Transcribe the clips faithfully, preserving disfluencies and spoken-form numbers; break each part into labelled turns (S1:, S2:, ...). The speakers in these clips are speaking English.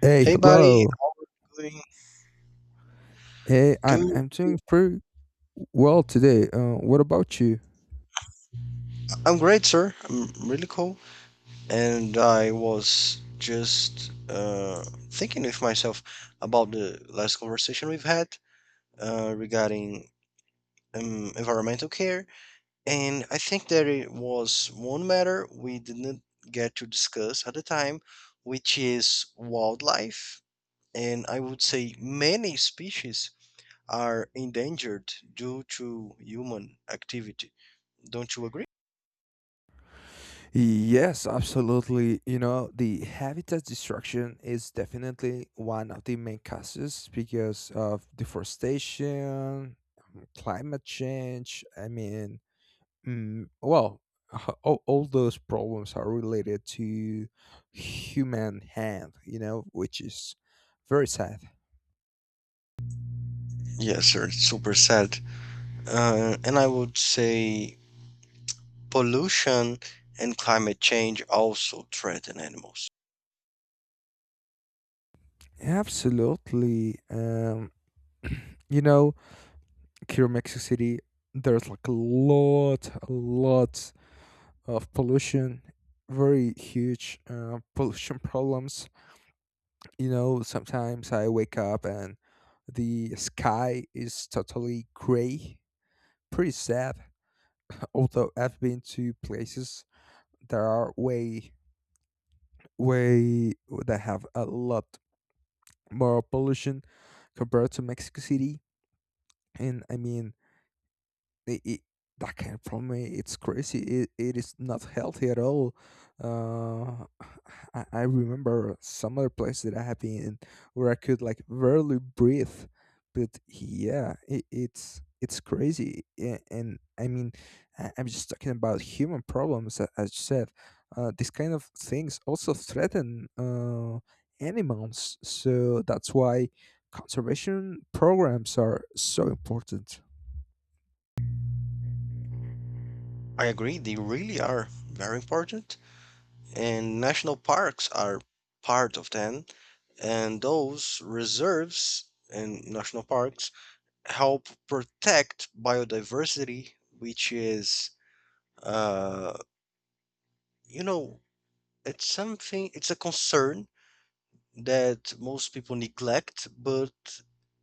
S1: Hey,
S2: Hey, buddy.
S1: hello.
S2: I'm
S1: Hey, I'm
S2: doing.
S1: I'm doing
S2: Do
S1: pretty well today. Uh, what about you?
S2: I'm great, sir. I'm really cool. And I was just uh, thinking with myself about the last conversation we've had uh, regarding um, environmental care, and I think that it was one matter we didn't get to discuss at the time, which is wildlife. And I would say many species are endangered due to human activity. Don't you agree?
S1: Yes, absolutely. You know, the habitat destruction is definitely one of the main causes because of deforestation, climate change. I mean, mm, well, h- all, all those problems are related to human hand, you know, which is very sad.
S2: Yes, sir. It's super sad. Uh, and I would say pollution and climate change also threaten animals.
S1: Absolutely. Um, you know, here in Mexico City, there's like a lot, a lot of pollution, very huge uh, pollution problems. You know, sometimes I wake up and the sky is totally gray. Pretty sad. Although I've been to places that are way, way that have a lot more pollution compared to Mexico City. And I mean, i i that kind of problem i- it's crazy, it, it is not healthy at all uh I, I remember some other place that i have been in, where i could like barely breathe, but yeah, it, it's it's crazy. A- and i mean, I- i'm just talking about human problems, a- as you said. Uh, these kind of things also threaten uh, animals, so that's why conservation programs are so important.
S2: I agree, they really are very important. And national parks are part of them. And those reserves and national parks help protect biodiversity, which is, uh, you know, it's something, it's a concern that most people neglect, but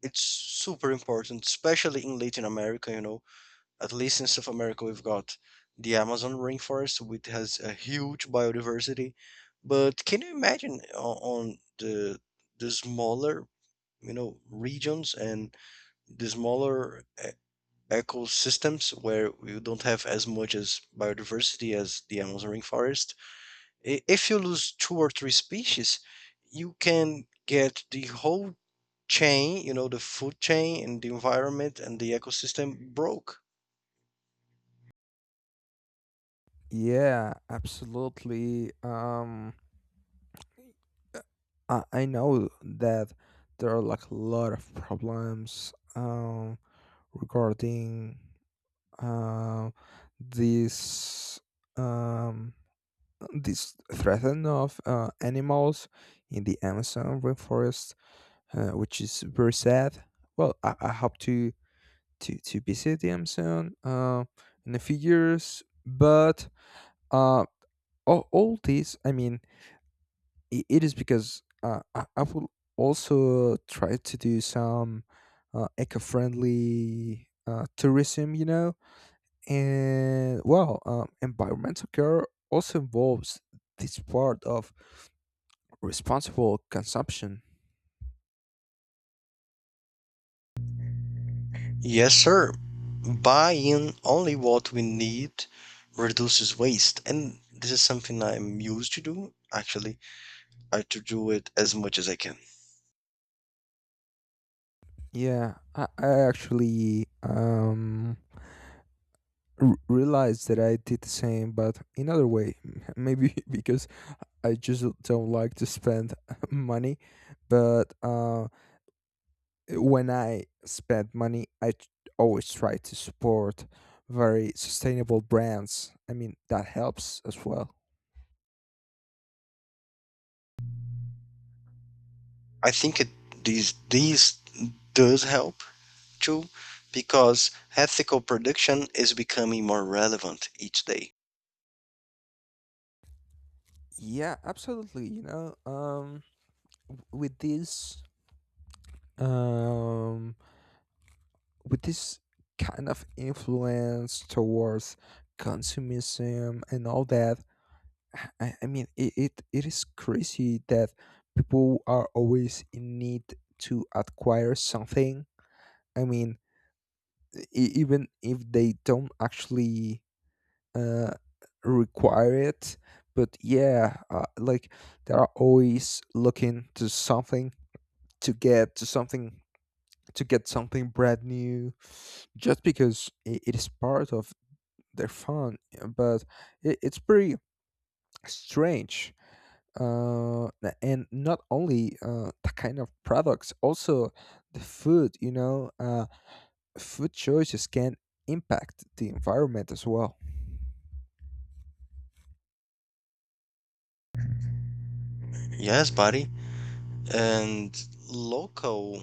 S2: it's super important, especially in Latin America, you know. At least in South America, we've got the Amazon rainforest, which has a huge biodiversity. But can you imagine o- on the the smaller, you know, regions and the smaller e- ecosystems where you don't have as much as biodiversity as the Amazon rainforest? I- If you lose two or three species, you can get the whole chain, you know, the food chain and the environment and the ecosystem broke.
S1: Yeah, absolutely. Um, I, I know that there are like a lot of problems um regarding uh, this, um, this threaten of uh, animals in the Amazon rainforest, uh, which is very sad. Well, I, I hope to, to to visit the Amazon, uh, in a few years, but uh, all, all this, I mean, I it is because uh, I, I will also try to do some uh, eco-friendly uh, tourism. You know, and well, um, environmental care also involves this part of responsible consumption.
S2: Yes, sir. Buying only what we need reduces waste. And this is something I'm used to do, actually. I to do it as much as I can.
S1: Yeah, i, I actually um r- realized that i did the same but in other way, maybe, because I just don't like to spend money, but uh, when I spend money, I t- always try to support very sustainable brands. I mean, that helps as well.
S2: I think it these these does help too, because ethical production is becoming more relevant each day.
S1: Yeah, absolutely. You know, um, with this, um, with this kind of influence towards consumerism and all that, I, I mean, it, it, it is crazy that people are always in need to acquire something. I mean, e- even if they don't actually uh, require it. But yeah, uh, like, they are always looking to something, to get to something, to get something brand new, just because it, it is part of their fun. But it, it's pretty strange. Uh n- and not only uh the kind of products, also the food you know uh Food choices can impact the environment as well.
S2: Yes, buddy. And local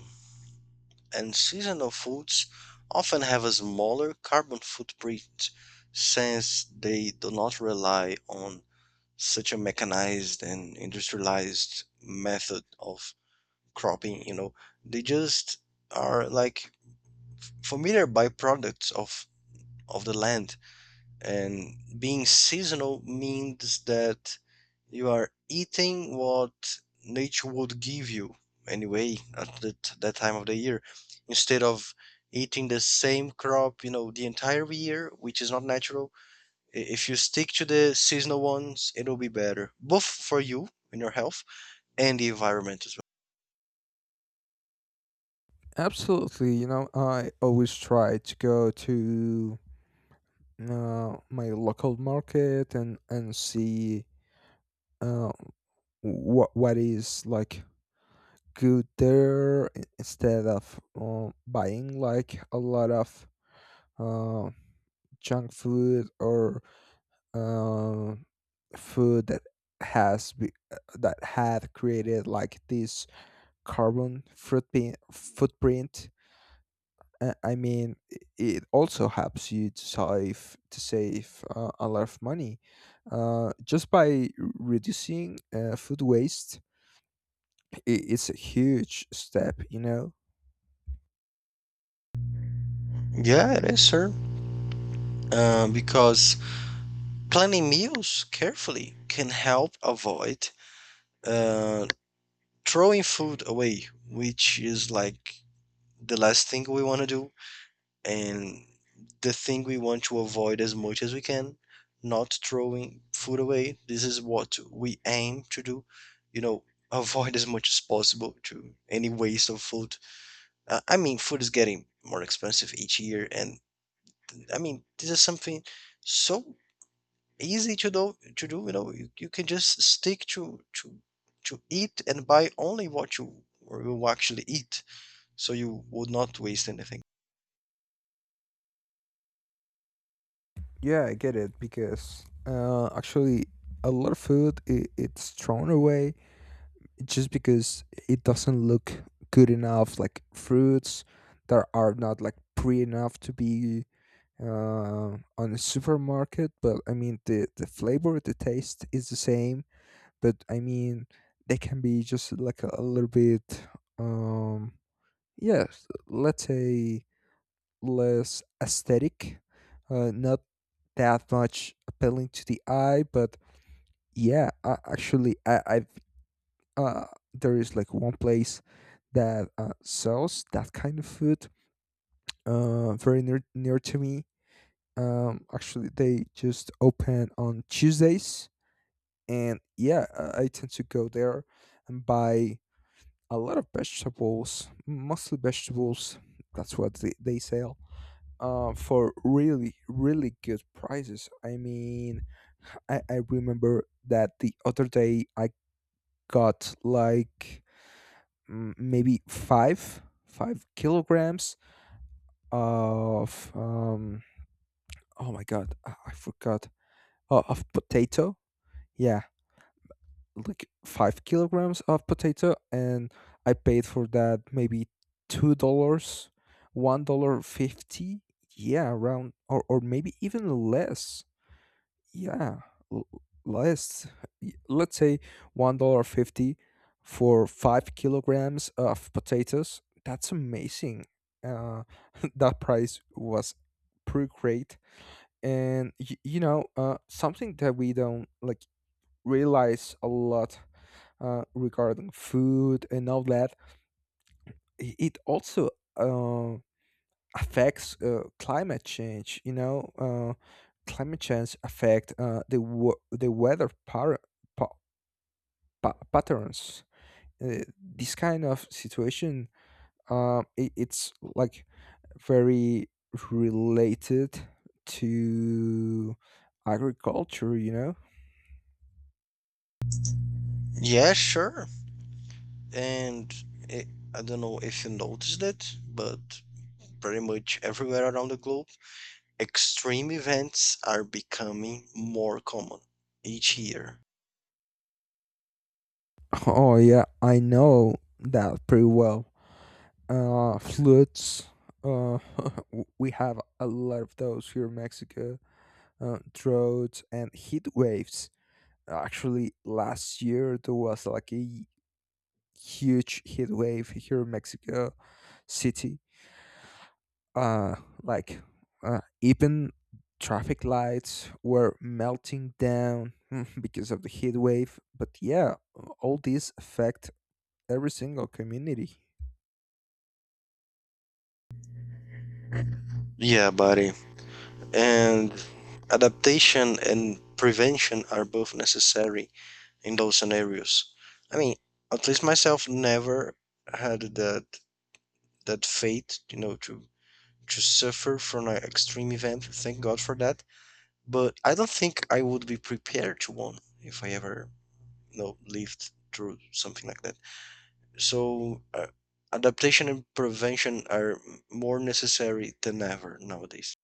S2: and seasonal foods often have a smaller carbon footprint since they do not rely on such a mechanized and industrialized method of cropping, you know. They just are like familiar byproducts of of the land, and being seasonal means that you are eating what nature would give you anyway at that, that time of the year, instead of eating the same crop, you know, the entire year, which is not natural. I- if you stick to the seasonal ones, it'll be better both for you and your health and the environment as
S1: Absolutely. you know i always try to go to uh, my local market, and and see uh what what is like good there, i- instead of uh, buying like a lot of uh junk food or uh, food that has be, uh, that had created like this carbon footprint footprint Uh, i mean, i- it also helps you to save to save uh, a lot of money, uh, just by reducing uh, food waste. I it's a huge step you know
S2: well. Yeah, it is, sir. Uh, because planning meals carefully can help avoid uh, throwing food away, which is like the last thing we want to do and the thing we want to avoid as much as we can, not throwing food away. This is what we aim to do, you know, avoid as much as possible to any waste of food. Uh, I mean, food is getting more expensive each year, and I mean, this is something so easy to do, to do, you know, you, you can just stick to to to eat and buy only what you, or you actually eat, so you would not waste anything.
S1: Yeah, I get it, because uh, actually a lot of food, it, it's thrown away just because it doesn't look good enough, like fruits that are not like pre enough to be uh, on a supermarket. But I mean, the the flavor, the taste is the same. But I mean, they can be just like a, a little bit, um, yes, let's say, less aesthetic, uh, not that much appealing to the eye, but yeah, I, actually, I, I've uh, there is like one place that uh, sells that kind of food, uh, very near, near to me. Um, actually, they just open on Tuesdays. And yeah, uh, I tend to go there and buy a lot of vegetables, mostly vegetables. That's what they, they sell, uh, for really, really good prices. I mean, I, I remember that the other day I got like mm, maybe five five kilograms of um oh my god, i I forgot. Oh, of potato. Yeah, like five kilograms of potato, and i paid for that maybe two dollars, one dollar fifty. Yeah, around, or, or maybe even less. Yeah, l- let's, y- let's say, one dollar fifty for five kilograms of potatoes. That's amazing. Uh, that price was pretty great. And, y- you know, uh, something that we don't like realize a lot, uh, regarding food and all that. i- It also um affects uh, climate change. You know, uh, climate change affect, uh, the wo- the weather par- pa- pa- patterns. Uh, this kind of situation, uh, it, it's like very related to agriculture. You know.
S2: Yeah, sure. And it, I don't know if you noticed it, but pretty much everywhere around the globe, extreme events are becoming more common each year.
S1: Oh yeah, I know that pretty well. Uh, floods. Uh, w- we have a lot of those here in Mexico, uh, droughts and heat waves. Actually, last year there was like a huge heat wave here in Mexico City. Uh, like, uh, even traffic lights were melting down because of the heat wave. But yeah, all these affect every single community.
S2: Yeah, buddy. And adaptation and prevention are both necessary in those scenarios. I mean, at least myself never had that that fate, you know, to to suffer from an extreme event. Thank God for that. But I don't think I would be prepared to one if I ever, you know, lived through something like that. So uh, adaptation and prevention are m- more necessary than ever nowadays.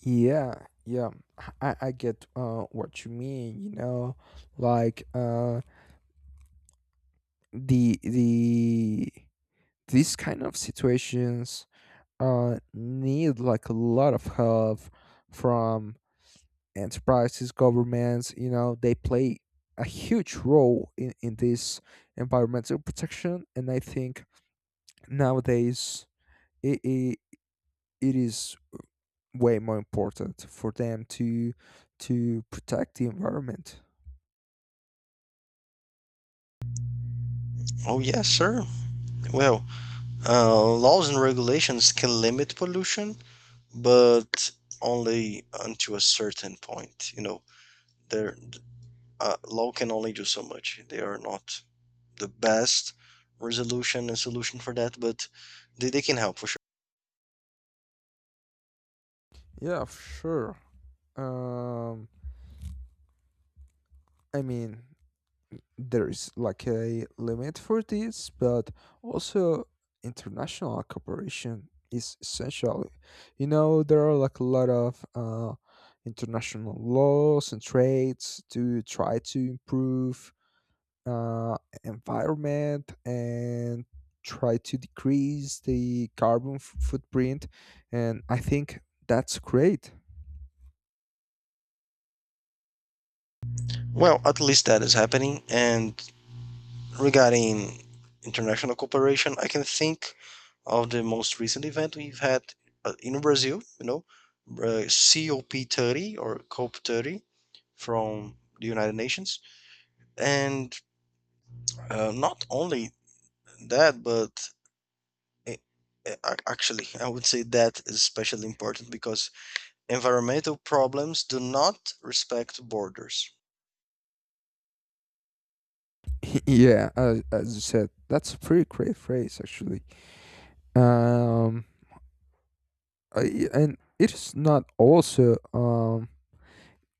S1: Yeah, yeah, I, I get, uh, what you mean. You know, like, uh, the the these kind of situations, uh, need like a lot of help from enterprises, governments. You know, they play a huge role in, in this environmental protection, and I think nowadays it, it, it is way more important for them to to protect the environment.
S2: Oh yes, sir. Well, uh, laws and regulations can limit pollution, but only unto a certain point. You know, their uh, law can only do so much. They are not the best resolution and solution for that, but they, they can help for.
S1: Yeah, sure. Um, I mean, there's like a limit for this, but also international cooperation is essential. You know, there are like a lot of uh, international laws and trades to try to improve, uh, environment, and try to decrease the carbon f- footprint, and I think that's great.
S2: Well, at least that is happening. And regarding international cooperation, I can think of the most recent event we've had uh, in Brazil, you know, uh, C O P thirty or C O P thirty from the United Nations. And uh, not only that, but a- a- ac- actually, I would say that is especially important because environmental problems do not respect borders.
S1: Yeah, as, as you said, that's a pretty great phrase actually. Um, uh, y- and it's not also, um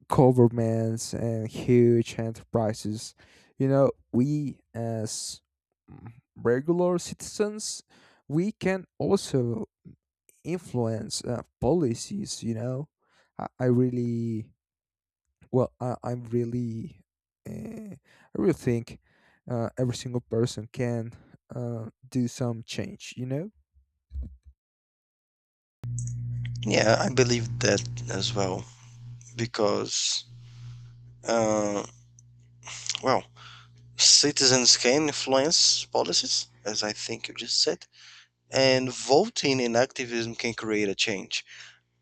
S1: governments and huge enterprises. You know we, as mm, regular citizens, we can also influence uh, policies. You know i, I really, well, I, I'm really uh, I really think, uh, every single person can, uh, do some change you know
S2: Yeah, I believe that as well because. Uh, well, citizens can influence policies, as I think you just said, and voting and activism can create a change.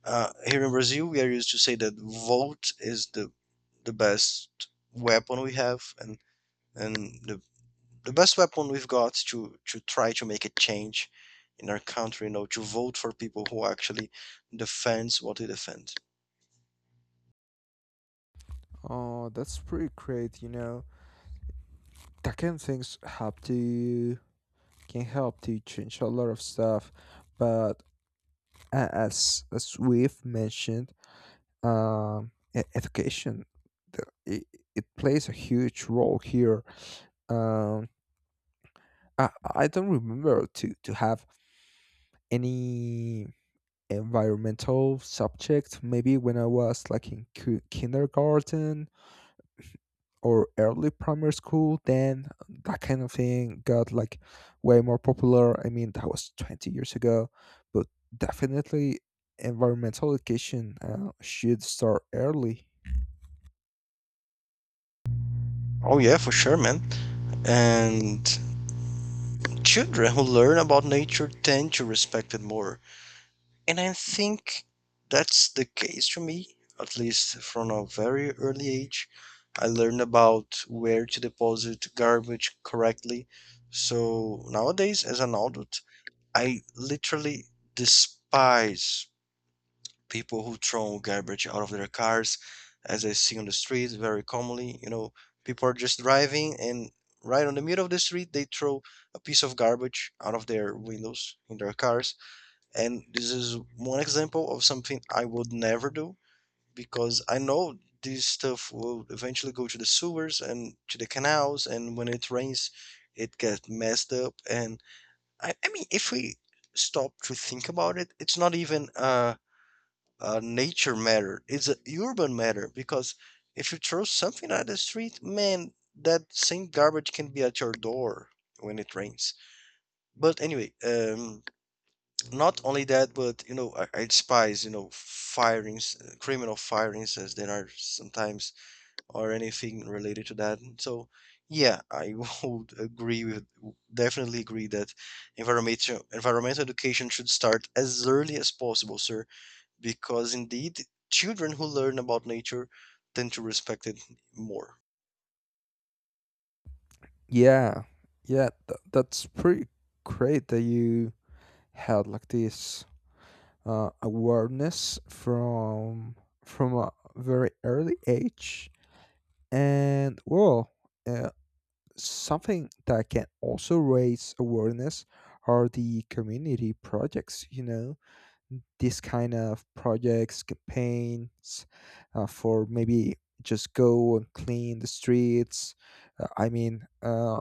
S2: Uh, here in Brazil, we are used to say that vote is the the best weapon we have, and and the the best weapon we've got to to try to make a change in our country. You know, to vote for people who actually defends what we defend.
S1: Oh, that's pretty great you know That kind of things help to can help to change a lot of stuff, but, a- as as we've mentioned, um e- education, the, it, it plays a huge role here. um I, I don't remember to to have any environmental subject, maybe when i was like in ki- kindergarten or early primary school, then that kind of thing got like way more popular. I mean, that was twenty years ago, but definitely environmental education, uh, should start early.
S2: Oh yeah, for sure, man. And children who learn about nature tend to respect it more. And I think that's the case for me, at least from a very early age. I learned about where to deposit garbage correctly. So nowadays, as an adult, I literally despise people who throw garbage out of their cars, as I see on the streets very commonly. You know, people are just driving and right on the middle of the street they throw a piece of garbage out of their windows in their cars. And this is one example of something I would never do because I know this stuff will eventually go to the sewers and to the canals, and when it rains, it gets messed up. And I, I mean, if we stop to think about it, it's not even a, a nature matter, it's an urban matter because if you throw something at the street, man, that same garbage can be at your door when it rains. But anyway, um, not only that, but you know, I, I despise, you know, firings, uh, criminal firings as there are sometimes or anything related to that. So yeah, I would agree with definitely agree that environmental environmental education should start as early as possible, sir, because indeed children who learn about nature tend to respect it more.
S1: Yeah, yeah, th- that's pretty great that you had like this, uh, awareness from from a very early age. And well, uh, something that can also raise awareness are the community projects. You know, this kind of projects, campaigns, uh, for maybe just go and clean the streets. Uh, i mean, uh,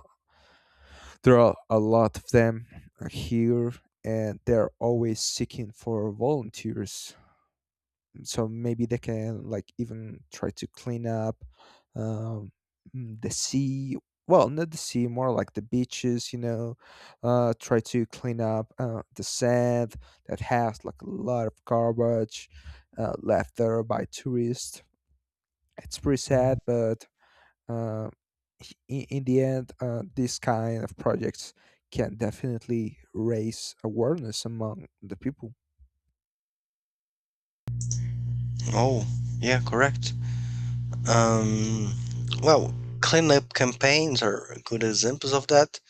S1: there are a lot of them here, and they're always seeking for volunteers, so maybe they can like even try to clean up, um, mm, the sea, well, not the sea, more like the beaches you know uh, Try to clean up uh, the sand that has like a lot of garbage, uh, left there by tourists. It's pretty sad, but, uh, in, in the end, uh, this kind of projects can definitely raise awareness among the people.
S2: Oh, yeah, correct. Um, well, cleanup campaigns are good examples of that,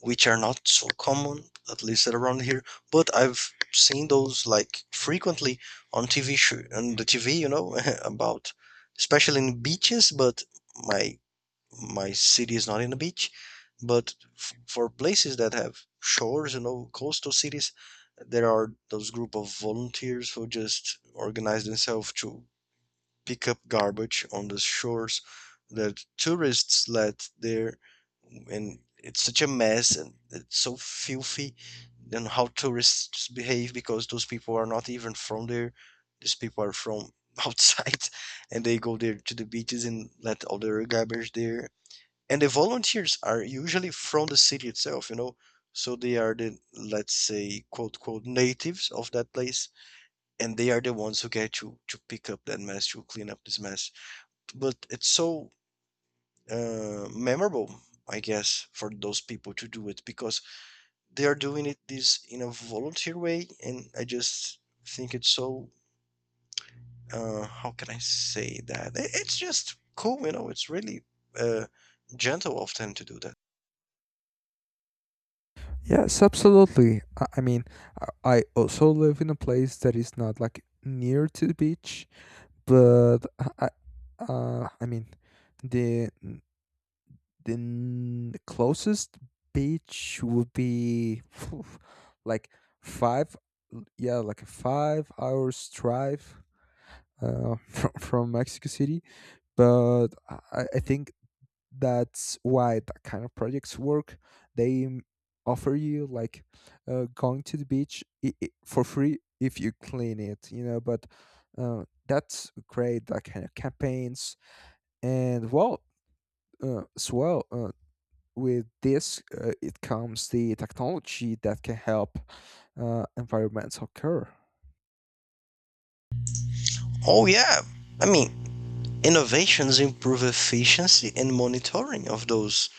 S2: which are not so common, at least around here. But I've seen those like frequently on T V show, on the T V, you know, about especially in beaches. But my my city is not in a beach. But f- for places that have shores, you know, coastal cities, there are those group of volunteers who just organize themselves to pick up garbage on the shores that tourists let there, and it's such a mess and it's so filthy, and how tourists behave, because those people are not even from there. These people are from outside, and they go there to the beaches and let all their garbage there. And the volunteers are usually from the city itself, you know. So they are the, let's say, quote quote natives of that place, and they are the ones who get to to pick up that mess, to clean up this mess. But it's so uh, memorable, I guess, for those people to do it because they are doing it this in a volunteer way, and I just think it's so. Uh, how can I say that? I- It's just cool, you know. It's really uh, gentle of them to do that.
S1: Yes, absolutely. I I mean, I I also live in a place that is not like near to the beach, but I, I- uh, I mean, the the n- closest beach would be, phew, like five, yeah, like a five hours drive, uh, from from Mexico City. But I, I I think that's why that kind of projects work. They m- offer you like, uh, going to the beach, i i for free, if you clean it you know But uh, that's great, that kind of campaigns. And well, uh, as well, uh, with this, uh, it comes the technology that can help, uh, environments occur.
S2: Oh yeah, I mean, innovations improve efficiency and monitoring of those.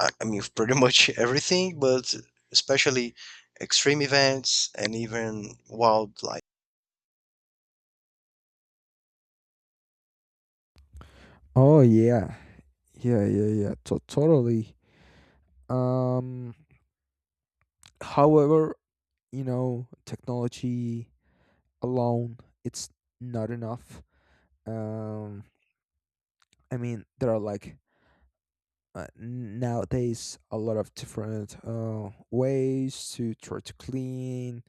S2: I, I mean pretty much everything, but especially extreme events and even wildlife.
S1: Oh yeah, yeah, yeah, yeah, to- totally. um However, you know technology alone, it's not enough. um i mean, there are like, uh, nowadays, a lot of different, uh, ways to try to clean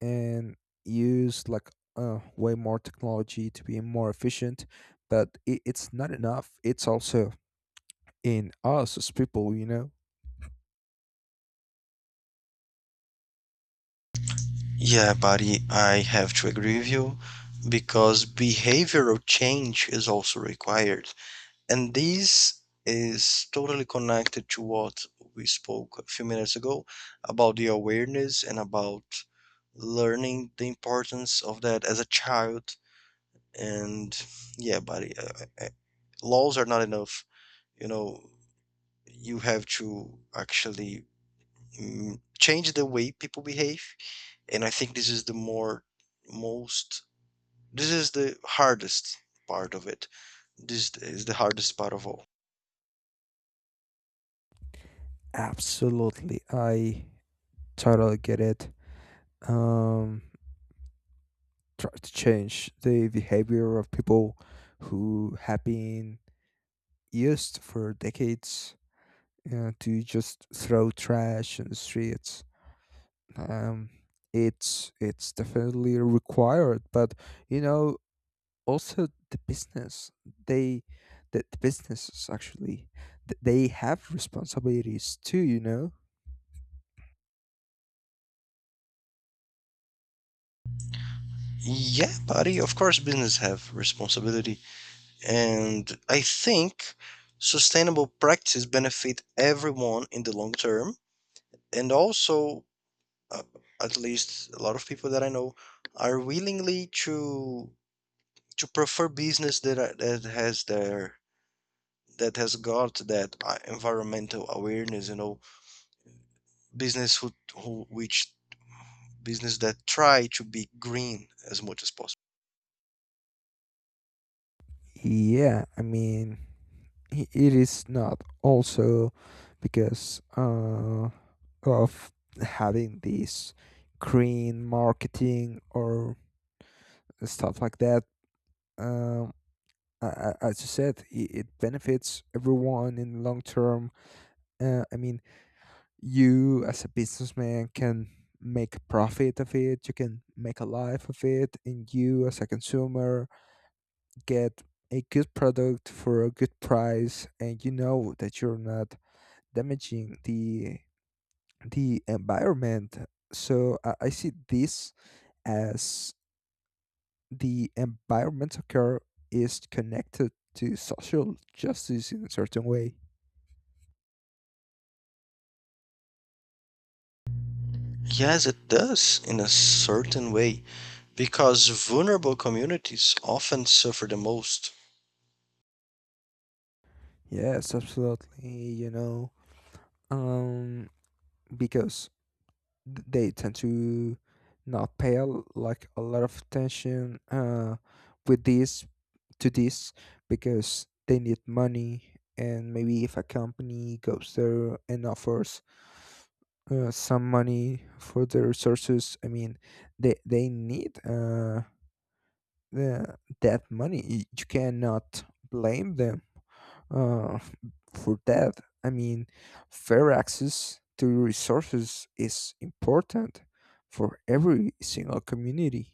S1: and use like, uh, way more technology to be more efficient, but it, it's not enough. It's also in us as people you know
S2: Yeah, buddy, I have to agree with you because behavioral change is also required. And this is totally connected to what we spoke a few minutes ago about the awareness and about learning the importance of that as a child. And yeah, buddy, uh, uh, uh, laws are not enough. You know, you have to actually mm, change the way people behave. And I think this is the more most, this is the hardest part of it. This is the hardest part of all.
S1: Absolutely. I totally get it. um Try to change the behavior of people who have been used for decades, uh, to just throw trash in the streets. Um, it's it's definitely required, but you know, also the business, they the, the businesses actually, th- they have responsibilities too. You know,
S2: Yeah, buddy, of course business have responsibility. And I think sustainable practices benefit everyone in the long term, and also uh, at least a lot of people that I know are willingly to to prefer business that are, that has their, that has got that uh, environmental awareness, you know, business who, who which business that try to be green as much as possible.
S1: yeah. I mean, i- it is not also because, uh, of having this green marketing or stuff like that, um, a- a- as you said, i- it benefits everyone in the long term. Uh, I mean, you as a businessman can make a profit of it, you can make a life of it, and you as a consumer get a good product for a good price, and you know that you're not damaging the the environment. So I, I see this as, the environmental care is connected to social justice in a certain way.
S2: Yes, it does in a certain way because vulnerable communities often suffer the most.
S1: Yes, absolutely. You know, um, because th- they tend to not pay a l- like a lot of attention, uh, with this to this, because they need money, and maybe if a company goes there and offers, uh, some money for the resources, i mean, they they need, uh, the, that money. Y- you cannot blame them, uh, for that. I mean, fair access to resources is important for every single community.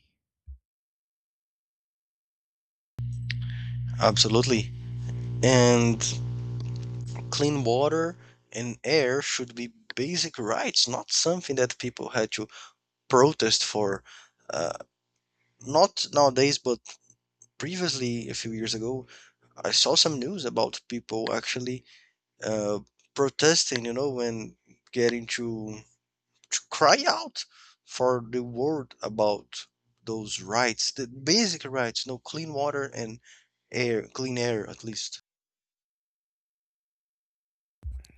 S2: Absolutely. And clean water and air should be basic rights, not something that people had to protest for. Uh, Not nowadays, but previously, a few years ago, I saw some news about people actually uh, protesting, you know, when getting to to cry out for the word about those rights, the basic rights, no clean water and air, clean air at least.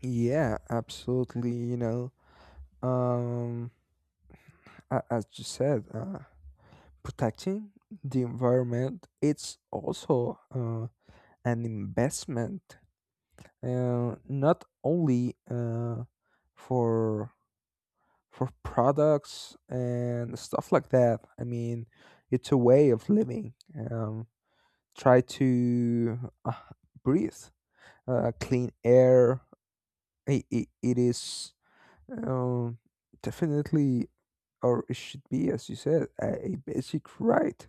S1: Yeah, absolutely. You know, um a- as you said, uh, protecting the environment, it's also, uh, an investment, uh, not only, uh, for for products and stuff like that. I mean, it's a way of living. um, Try to, uh, breathe, uh, clean air. It, it, it is, um, definitely, or it should be, as you said, a, a basic right.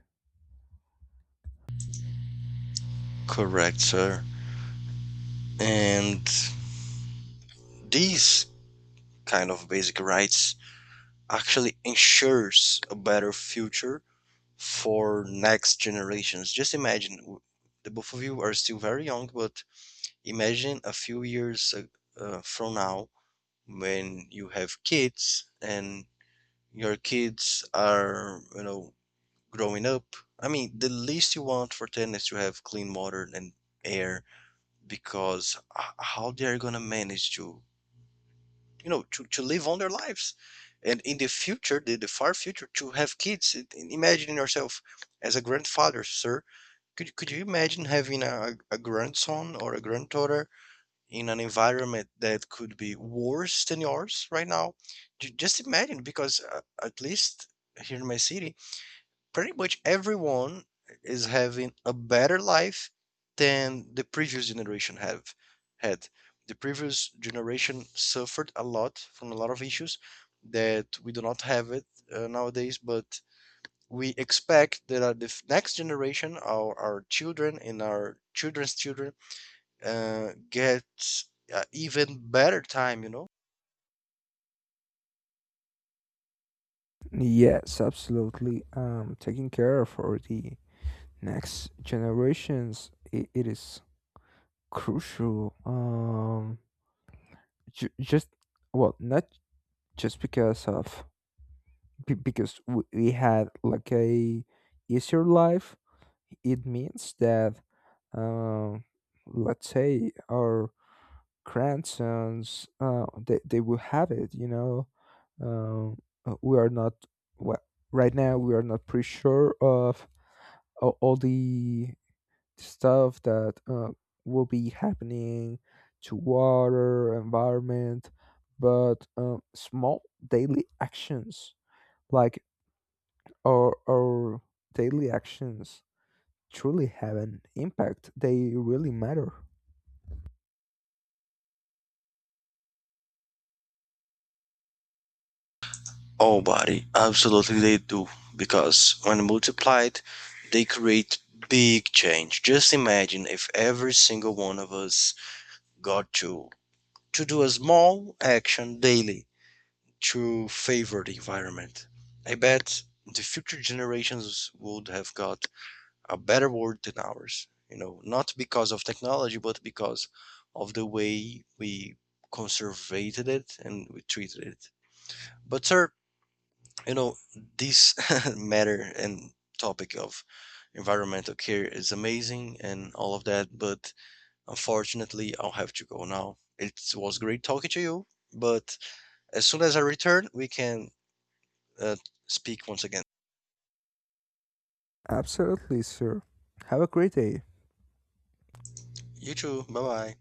S2: Correct, sir. And these kind of basic rights actually ensures a better future for next generations. Just imagine w- the both of you are still very young, but imagine a few years uh, uh, from now when you have kids and your kids are, you know, growing up. I mean, the least you want for them is to have clean water and air, because h- how they're gonna manage to, you know, to, to live on their lives. And in the future, the, the far future, to have kids, it- and imagine yourself as a grandfather, sir. Could, could you imagine having a, a grandson or a granddaughter in an environment that could be worse than yours right now. Ju- Just imagine, because uh, at least here in my city, pretty much everyone is having a better life than the previous generation have had. The previous generation suffered a lot from a lot of issues that we do not have it uh, nowadays, but we expect that uh, the f- next generation, our, our children and our children's children, uh, gets uh, even better time, you know?
S1: Yes, absolutely. Um, taking care for the next generations, it, it is crucial. Um, ju- just, well, not just because of, be- because we we had like a easier life. It means that, um, let's say our grandsons, uh, they they will have it. You know, um, uh, we are not, well, right now. We are not pretty sure of a- all the stuff that, uh, will be happening to water, environment, but, um, small daily actions, like, our, our daily actions truly have an impact. They really matter.
S2: Oh, buddy, absolutely they do. Because when multiplied, they create big change. Just imagine if every single one of us got to to do a small action daily to favor the environment. I bet the future generations would have got a better world than ours, you know, not because of technology but because of the way we conservated it and we treated it. But, sir, you know, this matter and topic of environmental care is amazing and all of that, but unfortunately I'll have to go now. It was great talking to you, but as soon as I return we can uh, speak once again.
S1: Absolutely, sir. Have a great day.
S2: You too, bye bye.